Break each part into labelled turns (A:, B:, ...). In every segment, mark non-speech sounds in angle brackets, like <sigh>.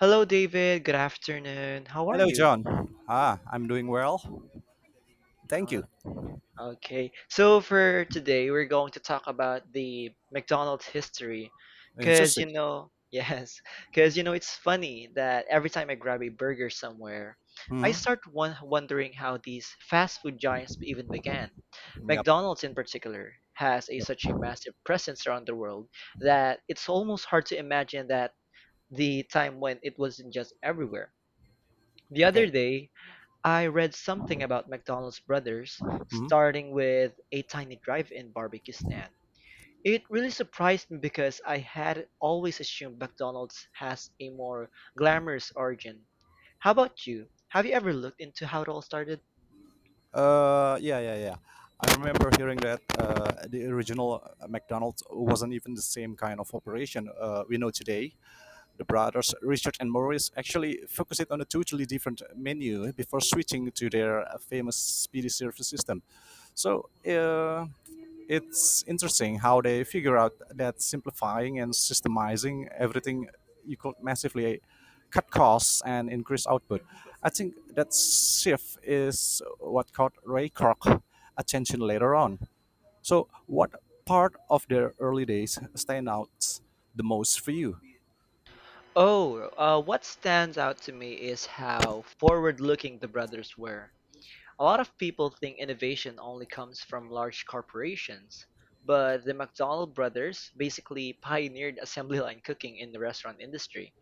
A: Hello, David. Good afternoon. How are
B: Hello,
A: you?
B: John. Ah, I'm doing well. Thank
A: Oh,
B: you.
A: Okay. So for today, we're going to talk about the McDonald's history, because
B: Interesting.
A: <laughs> yes, because it's funny that every time I grab a burger somewhere, I
B: hmm
A: start wondering how these fast food giants even began.
B: Yep.
A: McDonald's, in particular, has a
B: Yep.
A: such a massive presence around the world that it's almost hard to imagine that the time when it wasn't just everywhere. The other
B: Okay.
A: day, I read something about McDonald's brothers
B: hmm
A: starting with a tiny drive-in barbecue stand. It really surprised me because I had always assumed McDonald's has a more glamorous origin. How about you? Have you ever looked into how it all started?
B: yeah, yeah, yeah. I remember hearing that the original McDonald's wasn't even the same kind of operation we know today. The brothers Richard and Maurice actually focused on a totally different menu before switching to their famous speedy service system. So uh, it's interesting how they figure out that simplifying and systemizing everything you could massively cut costs and increase output. I think that shift is what caught Ray Kroc attention later on. So, what part of their early days stand out the most for you?
A: Oh, what stands out to me is how forward-looking the brothers were. A lot of people think innovation only comes from large corporations, but the McDonald brothers basically pioneered assembly line cooking in the restaurant industry.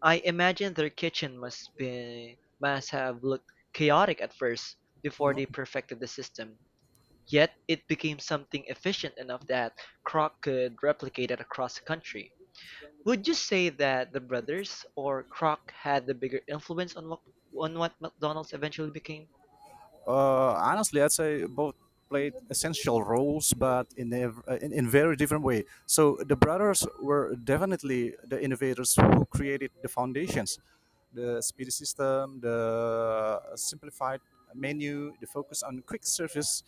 A: I imagine their kitchen must have looked chaotic at first before they perfected the system. Yet it became something efficient enough that Kroc could replicate it across the country. Would you say that the brothers or Kroc had the bigger influence on what McDonald's eventually became?
B: Honestly, I'd say both played essential roles, but in, ev- in very different way. So the brothers were definitely the innovators who created the foundations, the speedy system, the simplified menu, the focus on quick service.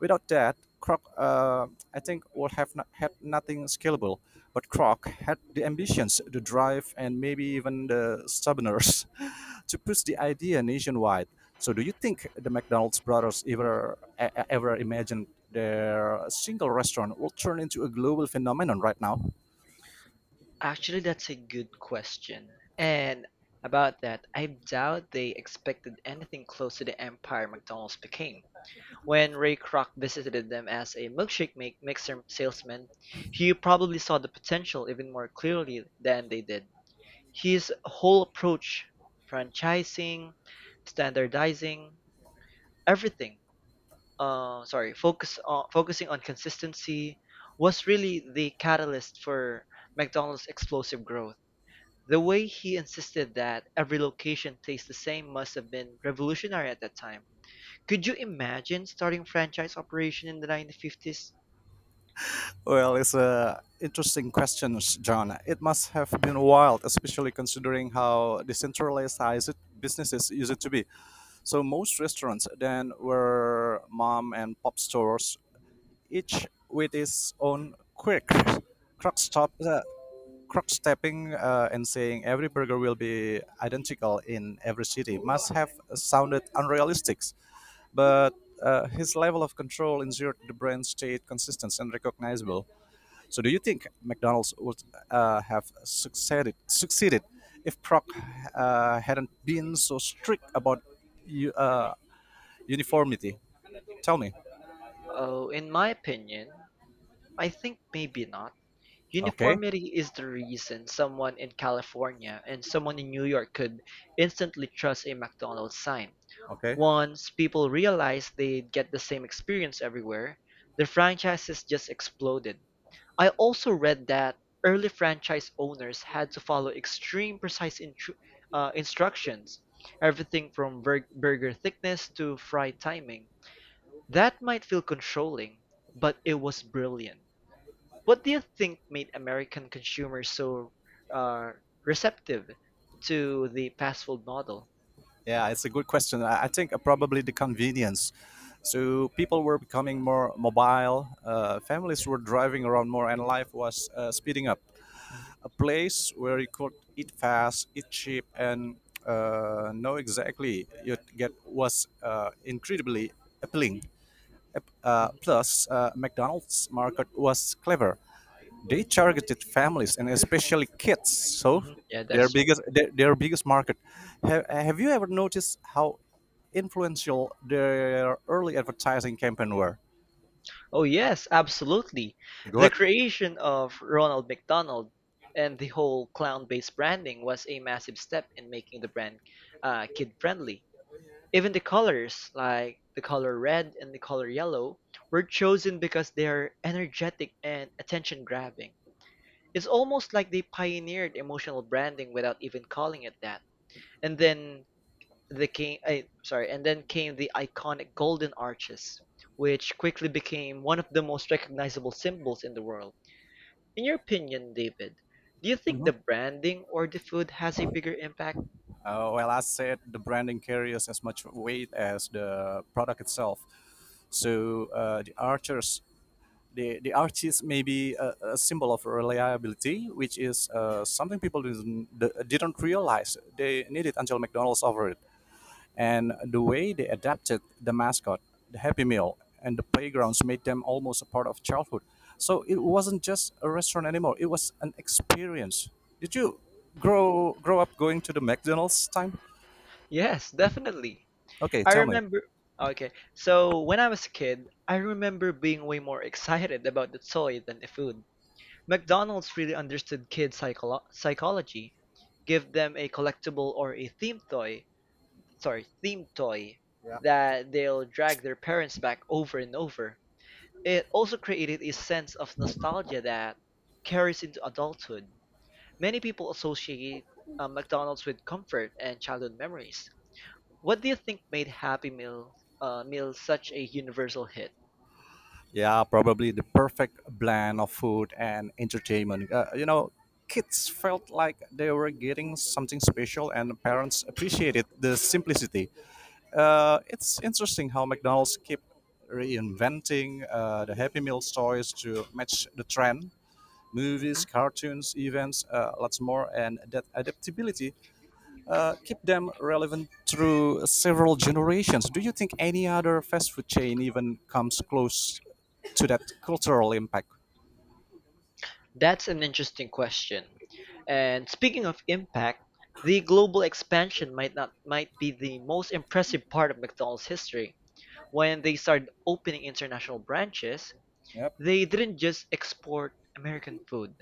B: Without that, Kroc, I think, would have not, had nothing scalable. But Kroc had the ambitions, the drive, and maybe even the stubbornness <laughs> to push the idea nationwide. So, do you think the McDonald's brothers ever imagined their single restaurant will turn into a global phenomenon right now?
A: Actually, that's a good question. And about that, I doubt they expected anything close to the empire McDonald's became. When Ray Kroc visited them as a milkshake make mixer salesman, he probably saw the potential even more clearly than they did. His whole approach, franchising, standardizing, everything, focusing on consistency, was really the catalyst for McDonald's explosive growth. The way he insisted that every location tastes the same must have been revolutionary at that time. Could you imagine starting franchise operation in the 1950s?
B: Well, it's a interesting question, John. It must have been wild, especially considering how decentralized businesses used to be. So most restaurants then were mom and pop stores, each with its own quick crock stop, crock stepping, and saying every burger will be identical in every city must have sounded unrealistic. But his level of control ensured the brand stayed consistent and recognizable. So, do you think McDonald's would have succeeded if Proc hadn't been so strict about you, uh, uniformity? Tell me.
A: Oh, in my opinion, I think maybe not.
B: Okay.
A: Uniformity is the reason someone in California and someone in New York could instantly trust a McDonald's sign.
B: Okay.
A: Once people realized they'd get the same experience everywhere, the franchises just exploded. I also read that early franchise owners had to follow instructions, everything from burger thickness to fry timing. That might feel controlling, but it was brilliant. What do you think made American consumers so uh, receptive to the fast food model?
B: Yeah, it's a good question. I think probably the
A: Mhm,
B: convenience. So people were becoming more mobile. Families were driving around more, and life was speeding up.
A: mhm,
B: A place where you could eat fast, eat cheap, and know exactly you'd get was incredibly appealing. Uh,
A: mhm,
B: plus, uh, McDonald's market was clever. They targeted families and especially kids, so
A: mhm. Yeah,
B: their
A: that's true.
B: biggest their, their biggest market. Have you ever noticed how influential their early advertising campaign were?
A: Oh, yes, absolutely. The
B: Good.
A: creation of Ronald McDonald and the whole clown-based branding was a massive step in making the brand kid-friendly. Even the colors, like the color red and the color yellow, were chosen because they are energetic and attention-grabbing. It's almost like they pioneered emotional branding without even calling it that. And then the came, I, sorry, and then came the iconic golden arches, which quickly became one of the most recognizable symbols in the world. In your opinion, David, do you think
B: Mhm.
A: the branding or the food has a bigger impact?
B: Well, I said the branding carries as much weight as the product itself. So the arches may be a symbol of reliability, which is something people didn't realize they needed until McDonald's offered it. And the way they adapted the mascot, the Happy Meal, and the playgrounds made them almost a part of childhood. So it wasn't just a restaurant anymore; it was an experience. Did you grow up going to the McDonald's time?
A: Yes, definitely.
B: Okay,
A: I
B: tell me.
A: remember. Okay, so when I was a kid, I remember being way more excited about the toy than the food. McDonald's really understood kids' psychology, give them a collectible or a themed toy, sorry, theme toy that they'll drag their parents back over and over. It also created a sense of nostalgia that carries into adulthood. Many people associate McDonald's with comfort and childhood memories. What do you think made Happy Meal Meal such a universal hit?
B: Yeah, probably the perfect blend of food and entertainment. You know, kids felt like they were getting something special, and parents
A: Mhm,
B: appreciated the simplicity. It's interesting how McDonald's keep reinventing the Happy Meal toys to match the trend.
A: mhm.
B: Movies, cartoons, events, lots more, and that adaptability keep them relevant through several generations. Do you think any other fast food chain even comes close to that cultural impact?
A: That's an interesting question. And speaking of impact, the global expansion might not might be the most impressive part of McDonald's history. When they started opening international branches,
B: Yep.
A: they didn't just export American food.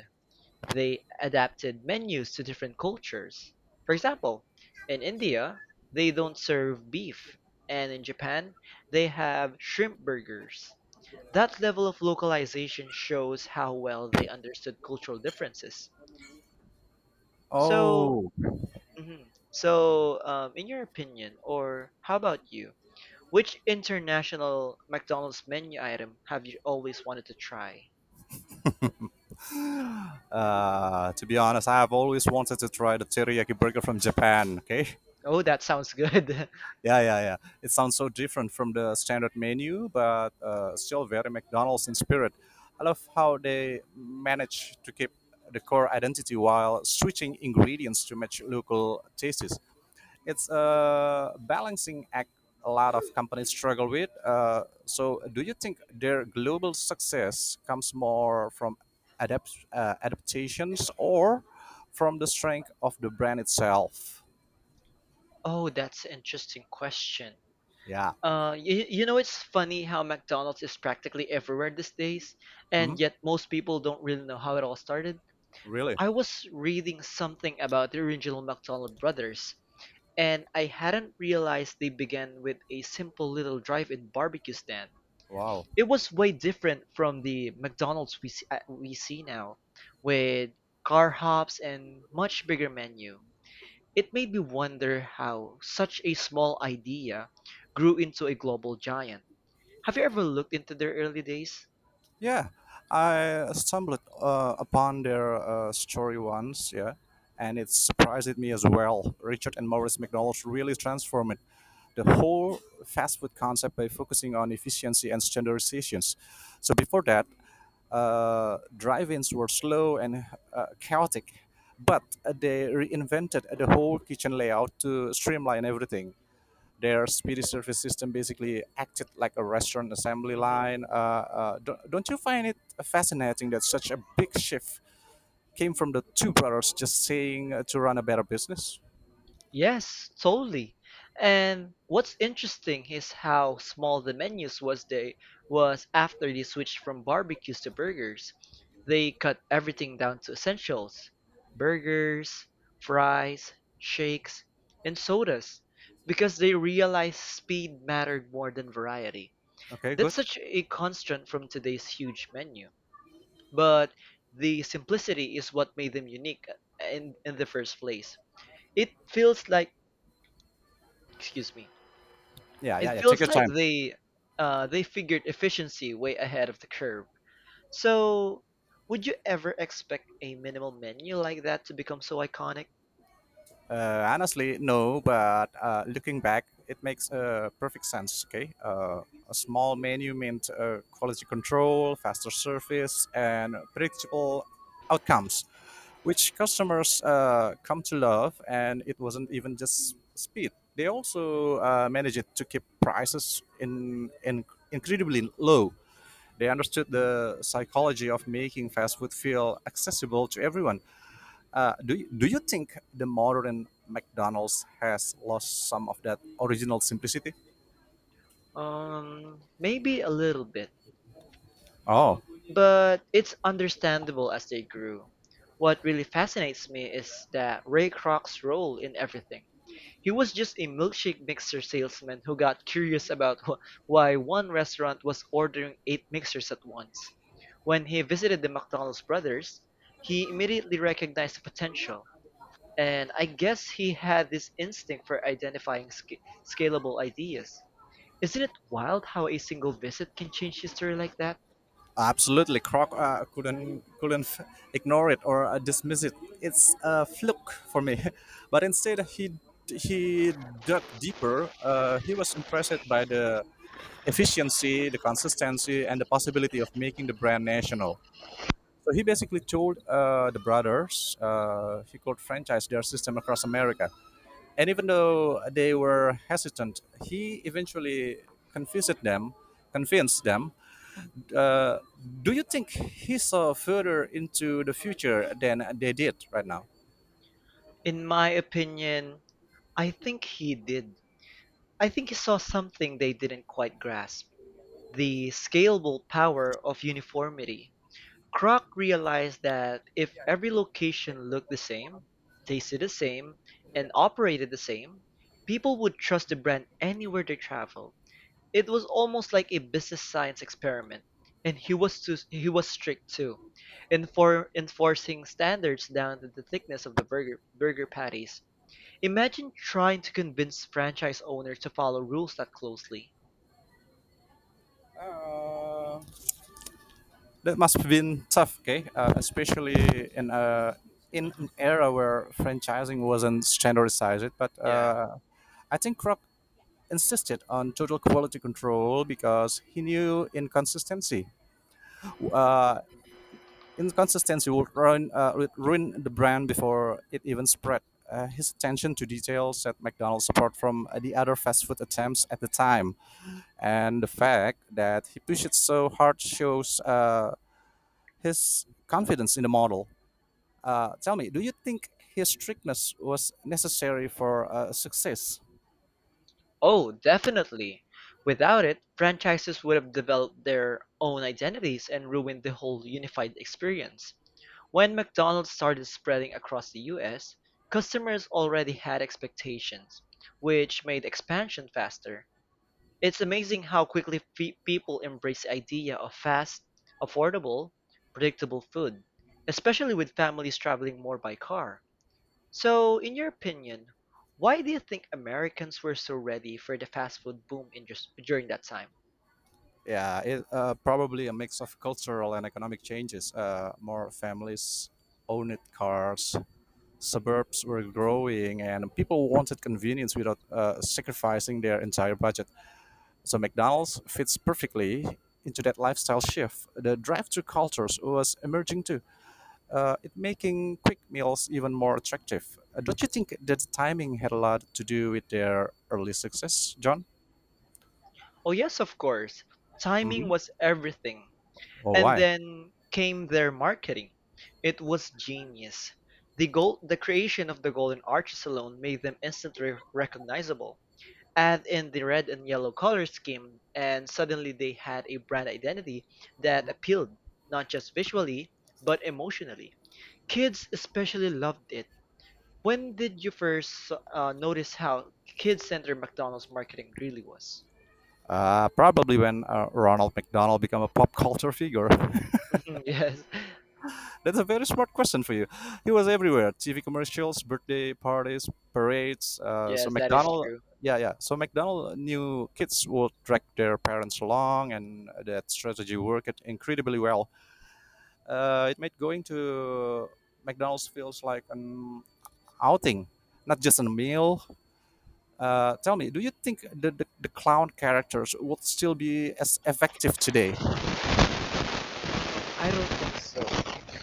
A: They adapted menus to different cultures. For example, in India, they don't serve beef, and in Japan, they have shrimp burgers. That level of localization shows how well they understood cultural differences. So,
B: Oh,
A: mhm. So in your opinion, or how about you? Which international McDonald's menu item have you always wanted to try?
B: to be honest, I have always wanted to try the teriyaki burger from Japan. Okay.
A: Oh, that sounds good. <laughs>
B: Yeah, yeah, yeah. It sounds so different from the standard menu, but still very McDonald's in spirit. I love how they manage to keep the core identity while switching ingredients to match local tastes. It's a balancing act a lot of companies struggle with. So, do you think their global success comes more from adaptations or from the strength of the brand itself?
A: Oh, that's an interesting question.
B: Yeah.
A: You know, it's funny how McDonald's is practically everywhere these days,
B: Hmm?
A: and yet most people don't really know how it all started.
B: Really?
A: I was reading something about the original McDonald brothers, and I hadn't realized they began with a simple little drive-in barbecue stand.
B: Wow.
A: It was way different from the McDonald's we see now, with car hops and much bigger menu. It made me wonder how such a small idea grew into a global giant. Have you ever looked into their early days?
B: Yeah, I stumbled upon their story once, yeah, and it surprised me as well. Richard and Maurice McDonald really transformed the whole fast food concept by focusing on efficiency and standardizations. So before that, drive-ins were slow and chaotic, but they reinvented the whole kitchen layout to streamline everything. Their speedy service system basically acted like a restaurant assembly line. Don't you find it fascinating that such a big shift came from the two brothers just saying to run a better business?
A: Yes, totally. And what's interesting is how small the menus was they was after they switched from barbecues to burgers. They cut everything down to essentials. Burgers, fries, shakes, and sodas because they realized speed mattered more than variety.
B: Okay,
A: That's
B: good.
A: such a constant from today's huge menu. But the simplicity is what made them unique in the first place. It feels like, excuse me,
B: Yeah, yeah,
A: It
B: yeah. Take
A: feels
B: your
A: like
B: time.
A: they figured efficiency way ahead of the curve. So, would you ever expect a minimal menu like that to become so iconic?
B: Honestly, no, but looking back, it makes perfect sense. Okay, a small menu meant quality control, faster service, and predictable outcomes, which customers come to love. And it wasn't even just speed; they also managed to keep prices in incredibly low. They understood the psychology of making fast food feel accessible to everyone. Do you think the modern McDonald's has lost some of that original simplicity?
A: Maybe a little bit.
B: Oh,
A: But it's understandable as they grew. What really fascinates me is that Ray Kroc's role in everything. He was just a milkshake mixer salesman who got curious about why one restaurant was ordering eight mixers at once. When he visited the McDonald's brothers, he immediately recognized the potential, and I guess he had this instinct for identifying scalable ideas. Isn't it wild how a single visit can change history like that?
B: absolutely. Croc couldn't ignore it or dismiss it. It's a fluke for me. <laughs> But instead, he dug deeper. He was impressed by the efficiency, the consistency, and the possibility of making the brand national. So he basically told the brothers he could franchise their system across America. And even though they were hesitant, he eventually convinced them. Convinced them. Uh, do you think he saw further into the future than they did right now?
A: In my opinion, I think he did. I think he saw something they didn't quite grasp the scalable power of uniformity. Kroc realized that if every location looked the same, tasted the same, and operated the same, people would trust the brand anywhere they traveled. It was almost like a business science experiment, and he was strict too, enforcing standards down to the thickness of the burger patties. Imagine trying to convince franchise owners to follow rules that closely.
B: That must have been tough, okay? Especially in
A: Mhm.
B: an era where franchising wasn't standardized. But
A: Yeah.
B: uh, I think Croc insisted on total quality control because he knew inconsistency. Uh, Inconsistency would ruin the brand before it even spread. His attention to detail set McDonald's apart from the other fast food attempts at the time, and the fact that he pushed it so hard shows his confidence in the model. Tell me, do you think his strictness was necessary for success?
A: Oh, definitely. Without it, franchises would have developed their own identities and ruined the whole unified experience. When McDonald's started spreading across the US, customers already had expectations, which made expansion faster. It's amazing how quickly people embrace the idea of fast, affordable, predictable food, especially with families traveling more by car. So, in your opinion, why do you think Americans were so ready for the fast food boom in just during that time?
B: Yeah, probably a mix of cultural and economic changes. More families owned cars, suburbs were growing, and people wanted convenience without sacrificing their entire budget. So McDonald's fits perfectly into that lifestyle shift. The drive-through cultures was emerging too. It making quick meals even more attractive. Don't you think that the timing had a lot to do with their early success, John?
A: Oh, yes, of course. Timing
B: Hmm
A: was everything.
B: Oh,
A: And
B: why?
A: then came their marketing. It was genius. The creation of the Golden Arches alone made them instantly recognizable. Add in the red and yellow color scheme, and suddenly they had a brand identity that appealed not just visually, but emotionally. Kids especially loved it. When did you first notice how kid-centered McDonald's marketing really was?
B: Probably when Ronald McDonald became a pop culture figure.
A: Mhm, yes, <laughs>
B: <laughs> That's a very smart question for you. He was everywhere: TV commercials, birthday parties, parades. Uh, so
A: yes, that is
B: McDonald,
A: true.
B: yeah, yeah. So McDonald knew kids would drag their parents along, and that strategy worked incredibly well. It made going to McDonald's feels like an outing, not just a meal. Tell me, do you think the clown characters would still be as effective today? Yeah.
A: I don't think so.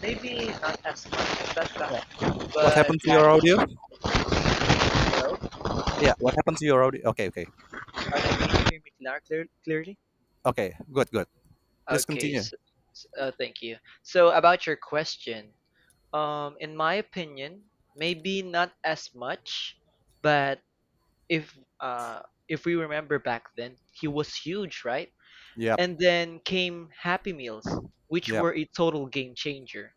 A: Maybe not as much as that,
B: What
A: but
B: happened to
A: back
B: your audio?
A: ago.
B: Yeah, what happened to your audio? Okay, okay,
A: Are they can you hear me clearly?
B: okay. Good, good. Please
A: Okay,
B: continue.
A: so, thank you. So about your question, in my opinion, maybe not as much, but if uh, if we remember back then, he was huge, right?
B: Yep,
A: And then came Happy Meals, which
B: yep.
A: were a total game changer.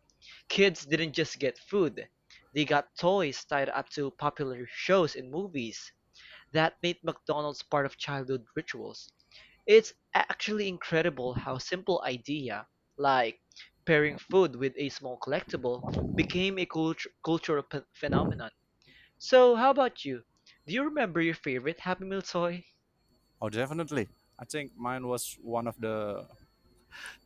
A: Kids didn't just get food, they got toys tied up to popular shows and movies. That made McDonald's part of childhood rituals. It's actually incredible how simple idea, like pairing food with a small collectible, became a cultural phenomenon. So, how about you? Do you remember your favorite Happy Meal toy?
B: Oh, definitely. I think mine was one of the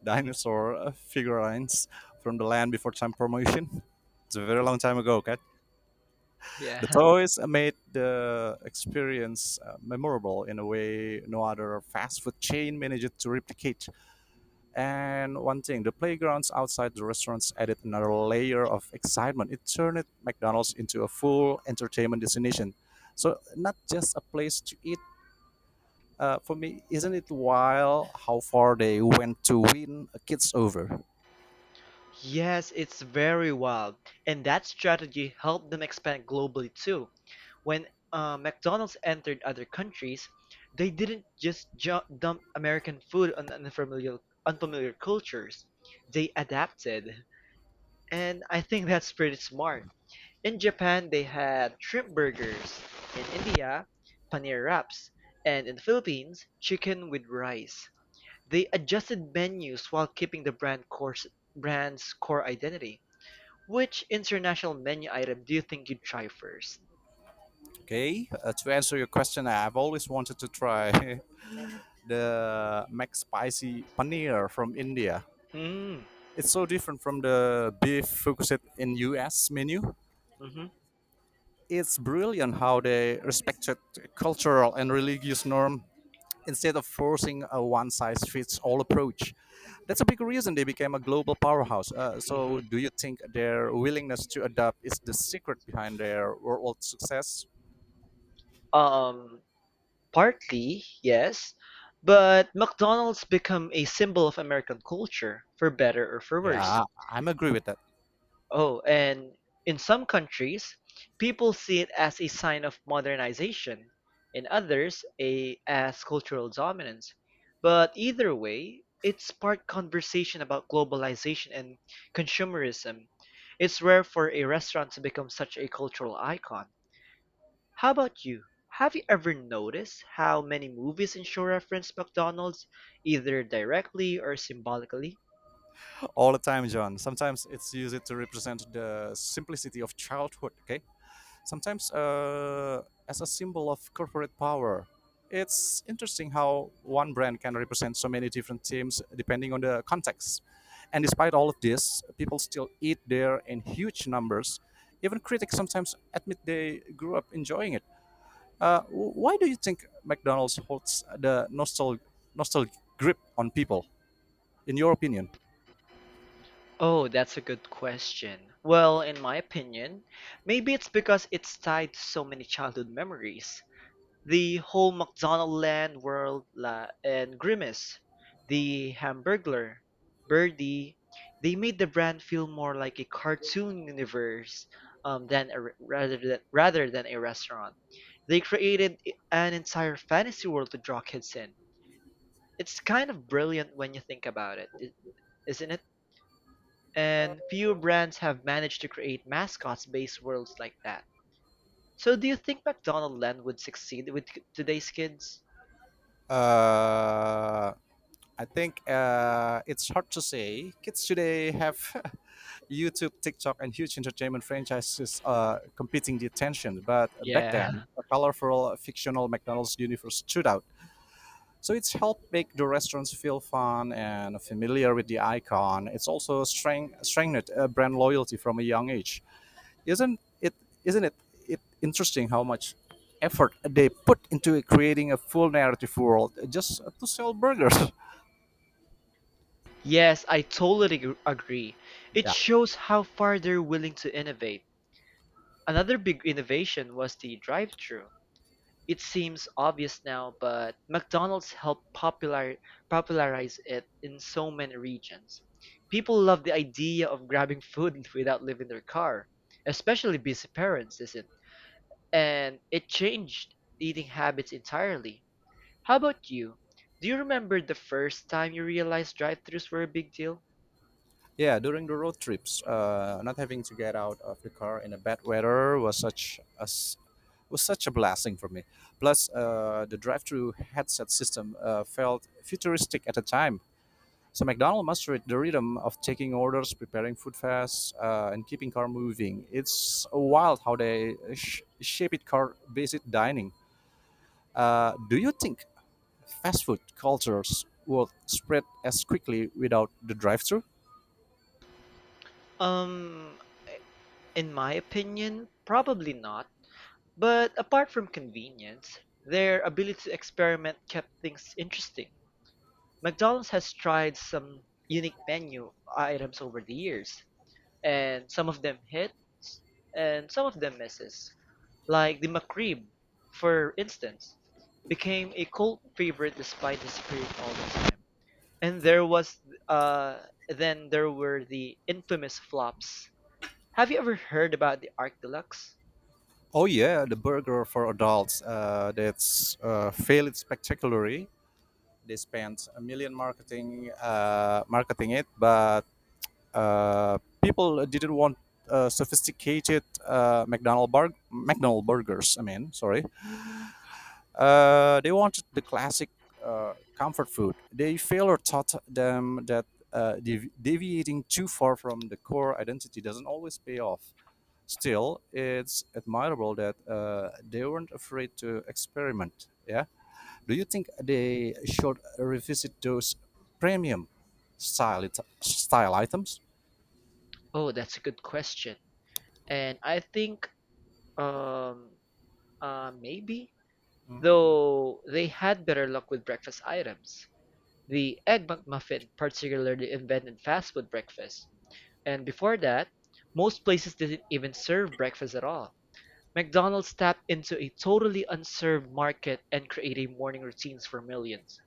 B: dinosaur <laughs> figurines from the land before time promotion. <laughs> It's a very long time ago, okay? The
A: Yeah. <laughs>
B: toys made the experience memorable in a way no other fast food chain managed to replicate. And one thing, the playgrounds outside the restaurants added another layer of excitement. It turned McDonald's into a full entertainment destination. So not just a place to eat. For me, isn't it wild how far they went to win a kids over?
A: Yes, it's very wild. And that strategy helped them expand globally too. When McDonald's entered other countries, they didn't just ju dump American food on unfamiliar cultures. They adapted. And I think that's pretty smart. In Japan, they had shrimp burgers. In India, paneer wraps. And in the Philippines, chicken with rice. They adjusted menus while keeping the brand's core identity. Which international menu item do you think you'd try first?
B: Okay, to answer your question, I've always wanted to try <laughs> the Mac Spicy Paneer from India.
A: Mm,
B: It's so different from the beef focused in US menu.
A: hmm
B: It's brilliant how they respected cultural and religious norm instead of forcing a one-size-fits-all approach. That's a big reason they became a global powerhouse. Uh,
A: hmm.
B: so, do you think their willingness to adapt is the secret behind their worldwide success?
A: Um, partly, yes, but McDonald's become a symbol of American culture, for better or for worse.
B: Yeah, I'm agree with that
A: Oh, and in some countries, people see it as a sign of modernization, in others, a as cultural dominance. But either way, it sparked conversation about globalization and consumerism. It's rare for a restaurant to become such a cultural icon. How about you? Have you ever noticed how many movies and show reference McDonald's, either directly or symbolically?
B: all the time, John. Sometimes it's used to represent the simplicity of childhood. Okay, sometimes as a symbol of corporate power. It's interesting how one brand can represent so many different teams depending on the context. And despite all of this, people still eat there in huge numbers. Even critics sometimes admit they grew up enjoying it. Why do you think McDonald's holds the nostalgic grip on people, in your opinion?
A: Oh, that's a good question. Well, in my opinion, maybe it's because it's tied to so many childhood memories. The whole McDonaldland world la and Grimace, the Hamburglar, Birdie, they made the brand feel more like a cartoon universe than a, re- rather than a restaurant. They created an entire fantasy world to draw kids in. It's kind of brilliant when you think about it, isn't it? And few brands have managed to create mascots-based worlds like that. So do you think McDonaldland would succeed with today's kids?
B: Uh, I think it's hard to say. Kids today have <laughs> YouTube, TikTok, and huge entertainment franchises competing the attention. But back
A: Yeah.
B: then,
A: <laughs>
B: a colorful fictional McDonald's universe stood out. So it's helped make the restaurants feel fun and familiar with the icon. It's also strengthened brand loyalty from a young age. Isn't it? Isn't it interesting how much effort they put into creating a full narrative world just to sell burgers?
A: Yes, I totally agree.
B: <laughs>
A: It
B: yeah,
A: shows how far they're willing to innovate. Another big innovation was the drive-thru. It seems obvious now, but McDonald's helped popularize it in so many regions. People love the idea of grabbing food <laughs> without leaving their car, especially busy parents, isn't. And it changed eating habits entirely. How about you? Do you remember the first time you realized drive-thrus were a big deal?
B: Yeah, during the road trips, not having to get out of the car in a bad weather was such a blessing for me. Plus, the drive-through headset system felt futuristic at the time. So McDonald's mastered the rhythm of taking orders, preparing food fast, and keeping car moving. It's wild how they shape it car-based dining. Do you think fast food cultures will spread as quickly without the drive-through?
A: Um, in my opinion, probably not. But apart from convenience, their ability to experiment kept things interesting. McDonald's has tried some unique menu items over the years, and some of them hit, and some of them misses. Like the McRib, for instance, became a cult favorite despite his spirit all the time. And there was uh then there were the infamous flops. Have you ever heard about the Arc Deluxe?
B: Oh yeah, the burger for adults. That's failed spectacularly. They spent a million marketing marketing it, but people didn't want sophisticated McDonald burgers. I mean, sorry. They wanted the classic comfort food. They failure taught them that deviating too far from the core identity doesn't always pay off. Still, it's admirable that they weren't afraid to experiment. Yeah. Do you think they should revisit those premium style items?
A: Oh, that's a good question. And I think um maybe though they had better luck with breakfast items. The Egg McMuffin particularly invented fast food breakfast. And before that, most places didn't even serve breakfast at all. McDonald's tapped into a totally unserved market and created morning routines for millions.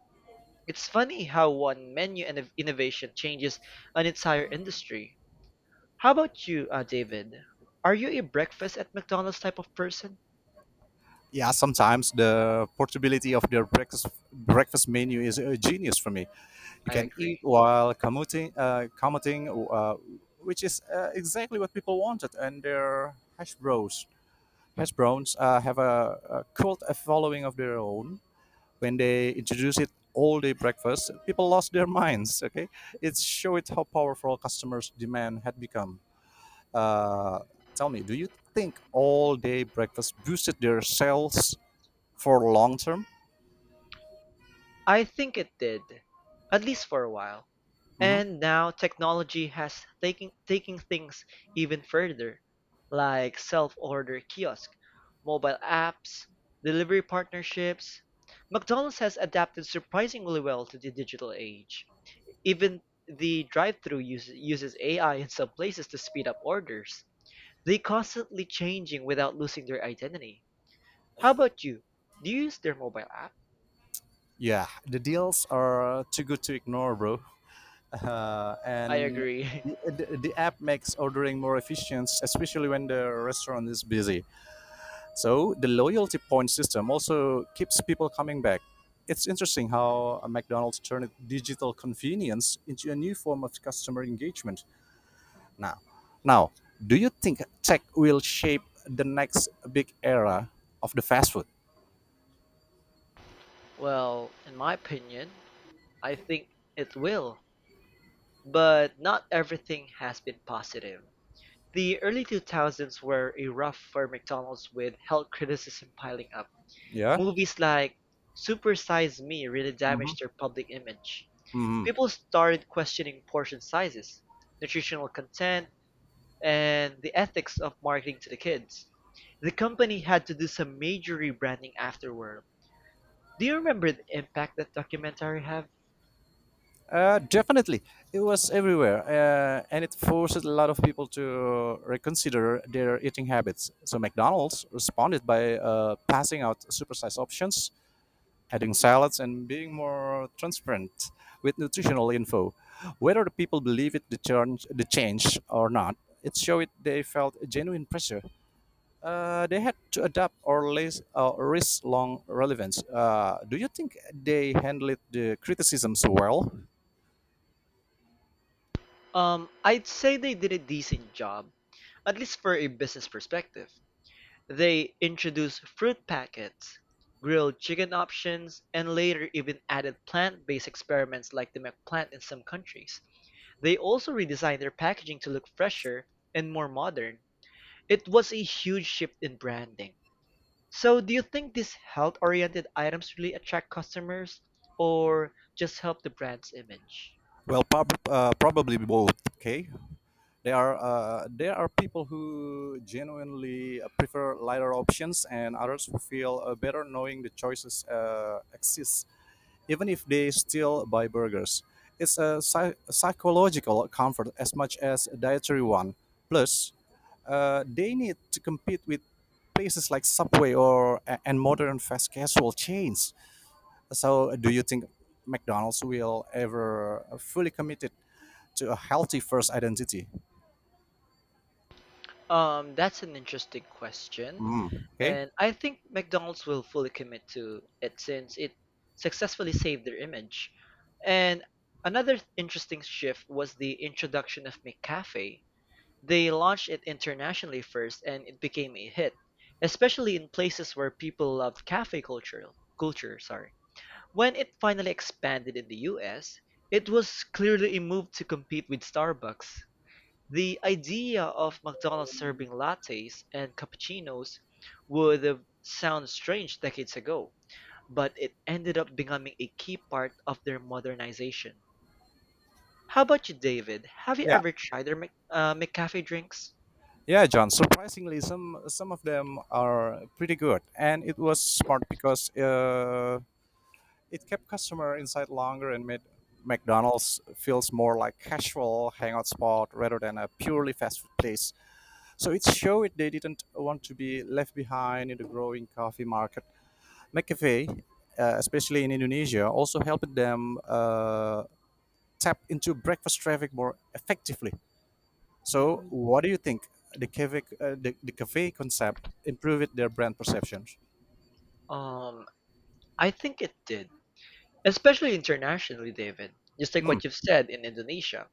A: It's funny how one menu and innovation changes an entire industry. How about you, David? Are you a breakfast at McDonald's type of person?
B: Yeah, sometimes the portability of their breakfast menu is a genius for me. You
A: I
B: can eat
A: agree.
B: while commuting, which is exactly what people wanted. And their hash browns, have a cult a following of their own. When they introduced it all day breakfast, people lost their minds. Okay, it showed how powerful customers' demand had become. Uh, tell me, do you think all day breakfast boosted their sales for long term?
A: I think it did, at least for a while.
B: Hmm.
A: And now technology has taken taking things even further, like self-order kiosk, mobile apps, delivery partnerships. McDonald's has adapted surprisingly well to the digital age. Even the drive-through uses AI in some places to speed up orders. They constantly changing without losing their identity. How about you? Do you use their mobile app?
B: Yeah, the deals are too good to ignore, bro. uh,
A: I
B: and
A: agree. <laughs>
B: the app makes ordering more efficient, especially when the restaurant is busy. So the loyalty point system also keeps people coming back. It's interesting how a McDonald's turned digital convenience into a new form of customer engagement. Now now, do you think tech will shape the next big era of the fast food?
A: Well, in my opinion, I think it will. But not everything has been positive. The early 2000s were a rough for McDonald's with health criticism piling up.
B: Yeah.
A: Movies like Super Size Me really damaged their public image.
B: Hmm.
A: People started questioning portion sizes, nutritional content, and the ethics of marketing to the kids. The company had to do some major rebranding afterward. Do you remember the impact that documentary had?
B: Definitely, it was everywhere, and it forced a lot of people to reconsider their eating habits. So McDonald's responded by passing out supersized options, adding salads, and being more transparent with nutritional info. Whether the people believe it the change or not, it showed they felt a genuine pressure. They had to adapt or less, risk long relevance. Do you think they handled the criticisms well?
A: I'd say they did a decent job, at least for a business perspective. They introduced fruit packets, grilled chicken options, and later even added plant-based experiments like the McPlant in some countries. They also redesigned their packaging to look fresher and more modern. It was a huge shift in branding. So, do you think these health-oriented items really attract customers, or just help the brand's image?
B: Well, probably both. Okay, there are people who genuinely prefer lighter options, and others who feel better knowing the choices exist, even if they still buy burgers. It's a psychological comfort as much as a dietary one. Plus, they need to compete with places like Subway or and modern fast casual chains. So, do you think McDonald's will ever fully committed to a healthy first identity?
A: That's an interesting question.
B: Mm, okay.
A: And I think McDonald's will fully commit to it since it successfully saved their image. And another interesting shift was the introduction of McCafe. They launched it internationally first and it became a hit, especially in places where people love cafe culture. Culture, sorry. When it finally expanded in the US, it was clearly a move to compete with Starbucks. The idea of McDonald's serving lattes and cappuccinos would have sounded strange decades ago, but it ended up becoming a key part of their modernization. How about you, David? Have you
B: Yeah.
A: ever tried their McCafe drinks?
B: Yeah, John. Surprisingly, some of them are pretty good, and it was smart because it kept customer inside longer and made McDonald's feels more like casual hangout spot rather than a purely fast food place. So it showed they didn't want to be left behind in the growing coffee market. McCafe, especially in Indonesia, also helped them tap into breakfast traffic more effectively. So,
A: Hmm,
B: what do you think? The cafe, the cafe concept improved their brand perceptions.
A: um, I think it did. Especially internationally, David. Just like
B: Hmm.
A: what you've said in Indonesia.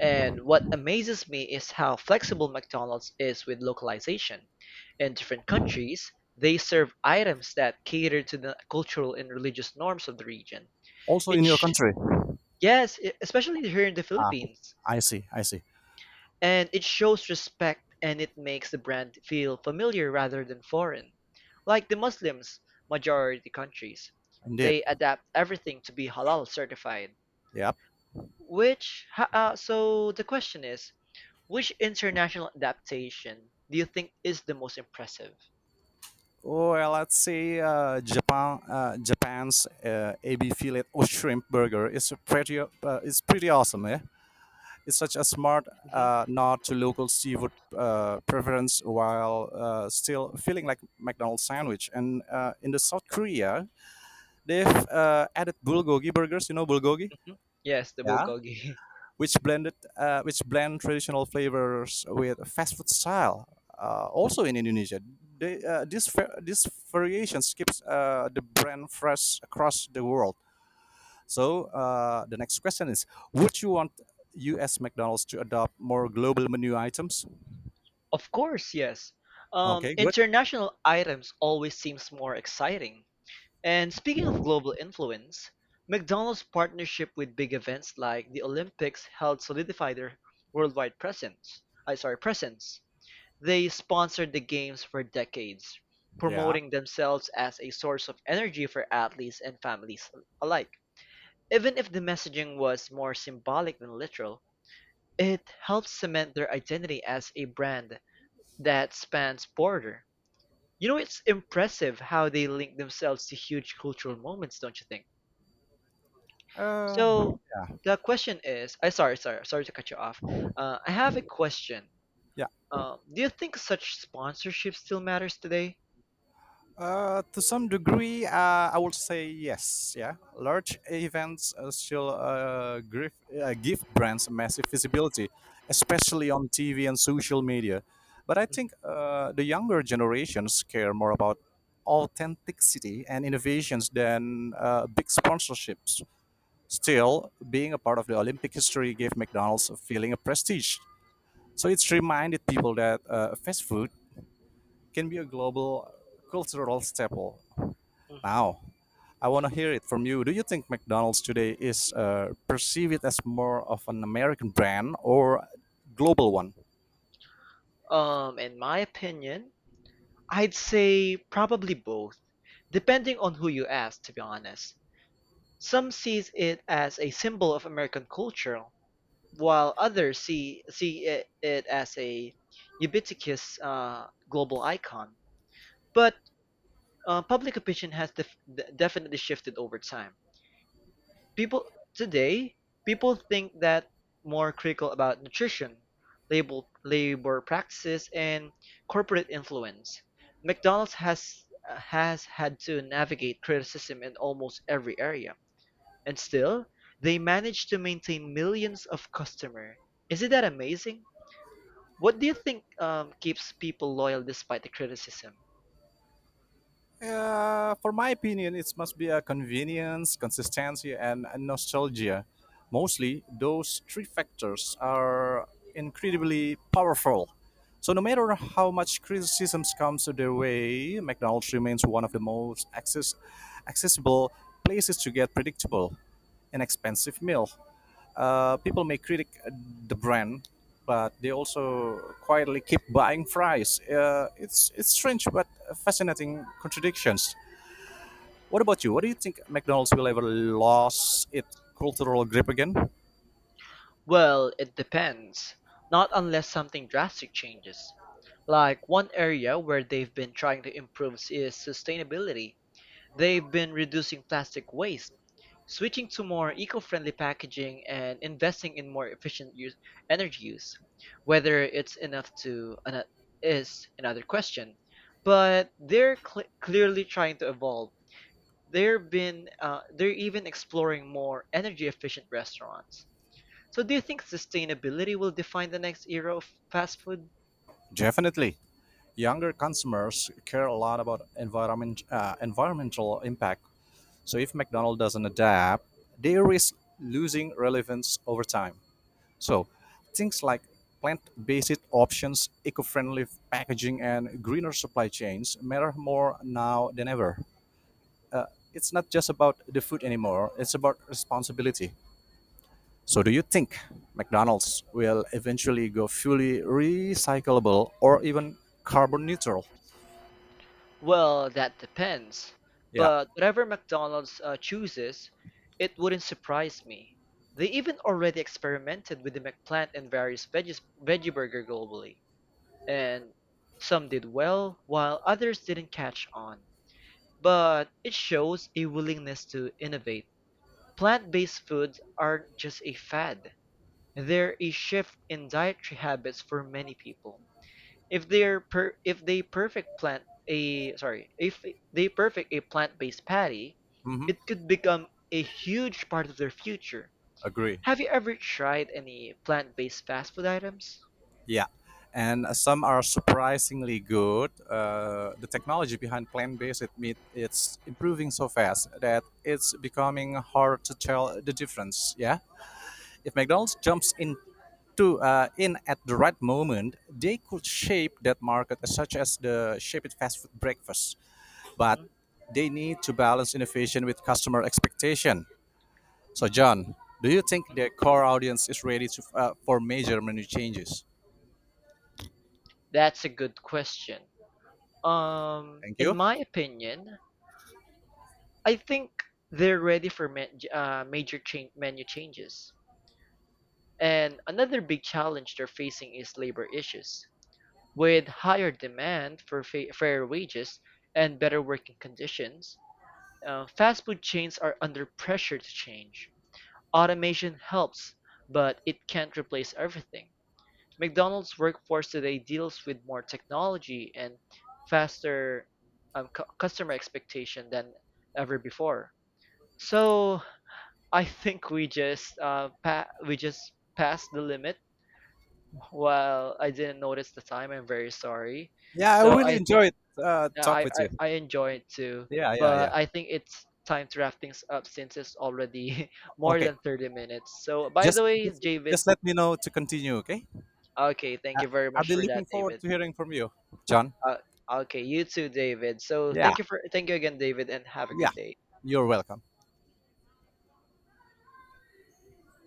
A: And what amazes me is how flexible McDonald's is with localization. In different countries, they serve items that cater to the cultural and religious norms of the region.
B: Also
A: It
B: in your
A: sh-
B: country.
A: yes, especially here in the
B: Ah,
A: Philippines.
B: I see. I see.
A: And it shows respect, and it makes the brand feel familiar rather than foreign. Like the Muslims, majority countries,
B: Indeed.
A: they adapt everything to be halal certified.
B: Yep.
A: So the question is, which international adaptation do you think is the most impressive?
B: Or let's say Japan, Japan's AB fillet or shrimp burger is a pretty, it's pretty awesome. Yeah, it's such a smart
A: Hmm.
B: nod to local seafood preference while still feeling like McDonald's sandwich. And in the South Korea, they've added bulgogi burgers. You know bulgogi?
A: Hmm. Yes, the
B: Yeah,
A: bulgogi. <laughs>
B: which blend traditional flavors with fast food style. Also in Indonesia, they, this va- this variation keeps the brand fresh across the world. So the next question is: would you want U.S. McDonald's to adopt more global menu items?
A: Of course, yes.
B: Okay, good.
A: International items always seems more exciting. And speaking of global influence, McDonald's partnership with big events like the Olympics helped solidify their worldwide presence. They sponsored the games for decades,
B: Yeah.
A: promoting themselves as a source of energy for athletes and families alike. Even if the messaging was more symbolic than literal, it helped cement their identity as a brand that spans border. You know, it's impressive how they link themselves to huge cultural moments, don't you think?
B: Uh,
A: So
B: Yeah.
A: the question is, I sorry, sorry, sorry to cut you off. I have a question. Do you think such sponsorship still matters today?
B: To some degree, I would say yes. Yeah, large events still give brands massive visibility, especially on TV and social media. But I
A: Mhm,
B: think the younger generations care more about authenticity and innovations than big sponsorships. Still, being a part of the Olympic history gave McDonald's a feeling of prestige. So it's reminded people that fast food can be a global cultural staple.
A: mhm.
B: Now, I want to hear it from you. Do you think McDonald's today is perceive it as more of an American brand or global one?
A: In my opinion, I'd say probably both, depending on who you ask, to be honest. Some sees it as a symbol of American culture, while others it as a ubiquitous global icon. But public opinion has definitely shifted over time. People today, people think that more critical about nutrition, labor practices, and corporate influence. McDonald's has had to navigate criticism in almost every area, and still they manage to maintain millions of customers. Isn't that amazing? What do you think keeps people loyal despite the criticism?
B: For my opinion, it must be a convenience, consistency, and a nostalgia. Mostly, those three factors are incredibly powerful. So, no matter how much criticisms comes to their way, McDonald's remains one of the most accessible places to get predictable, inexpensive meal. People may critic the brand, but they also quietly keep buying fries. It's strange but fascinating contradictions. What about you? What do you think McDonald's will ever lose its cultural grip again?
A: Well, it depends. Not unless something drastic changes. Like one area where they've been trying to improve is sustainability. They've been reducing plastic waste, switching to more eco-friendly packaging, and investing in more energy use. Whether it's is another question. But they're clearly trying to evolve. They have been they're even exploring more energy efficient restaurants. So do you think sustainability will define the next era of fast food?
B: Definitely. Younger consumers care a lot about environmental impact. So if McDonald's doesn't adapt, they risk losing relevance over time. So, things like plant based options, eco friendly packaging, and greener supply chains matter more now than ever. It's not just about the food anymore, it's about responsibility. So, do you think McDonald's will eventually go fully recyclable or even carbon neutral?
A: Well, that depends.
B: Yeah,
A: But whatever McDonald's chooses, it wouldn't surprise me. They even already experimented with the McPlant and veggie burger globally. And some did well, while others didn't catch on. But it shows a willingness to innovate. Plant based foods aren't just a fad, they're a shift in dietary habits for many people. If they're per if they perfect plant a sorry, if they perfect a plant-based patty,
B: hmm,
A: it could become a huge part of their future.
B: agree.
A: Have you ever tried any plant-based fast food items?
B: Yeah, and some are surprisingly good. The technology behind plant-based meat it's improving so fast that it's becoming hard to tell the difference. Yeah, if McDonald's jumps in. At the right moment, they could shape that market such as the shaped fast food breakfast. But
A: Hmm.
B: they need to balance innovation with customer expectation. So, John, do you think the core audience is ready for major menu changes?
A: That's a good question.
B: Thank
A: In
B: you.
A: my opinion, I think they're ready for ma- major change menu changes. And another big challenge they're facing is labor issues. With higher demand for fair wages and better working conditions, fast food chains are under pressure to change. Automation helps, but it can't replace everything. McDonald's workforce today deals with more technology and faster customer expectation than ever before. So I think we just we just passed the limit. Well, I didn't notice the time. I'm very sorry.
B: Yeah, I
A: So
B: really
A: I think,
B: enjoyed
A: yeah,
B: talk with you.
A: I enjoy it too,
B: Yeah, yeah,
A: but
B: yeah.
A: I think it's time to wrap things up since it's already <laughs> more
B: Okay,
A: than 30 minutes. So, by the
B: just
A: way,
B: just
A: David,
B: just let me know to continue. Okay,
A: okay, thank
B: I,
A: you very
B: I'll
A: much
B: be
A: for that,
B: looking forward
A: David.
B: to hearing from you, John.
A: Uh, okay, you too, David. So,
B: Yeah,
A: thank you again, David, and have a
B: yeah.
A: good day.
B: You're welcome.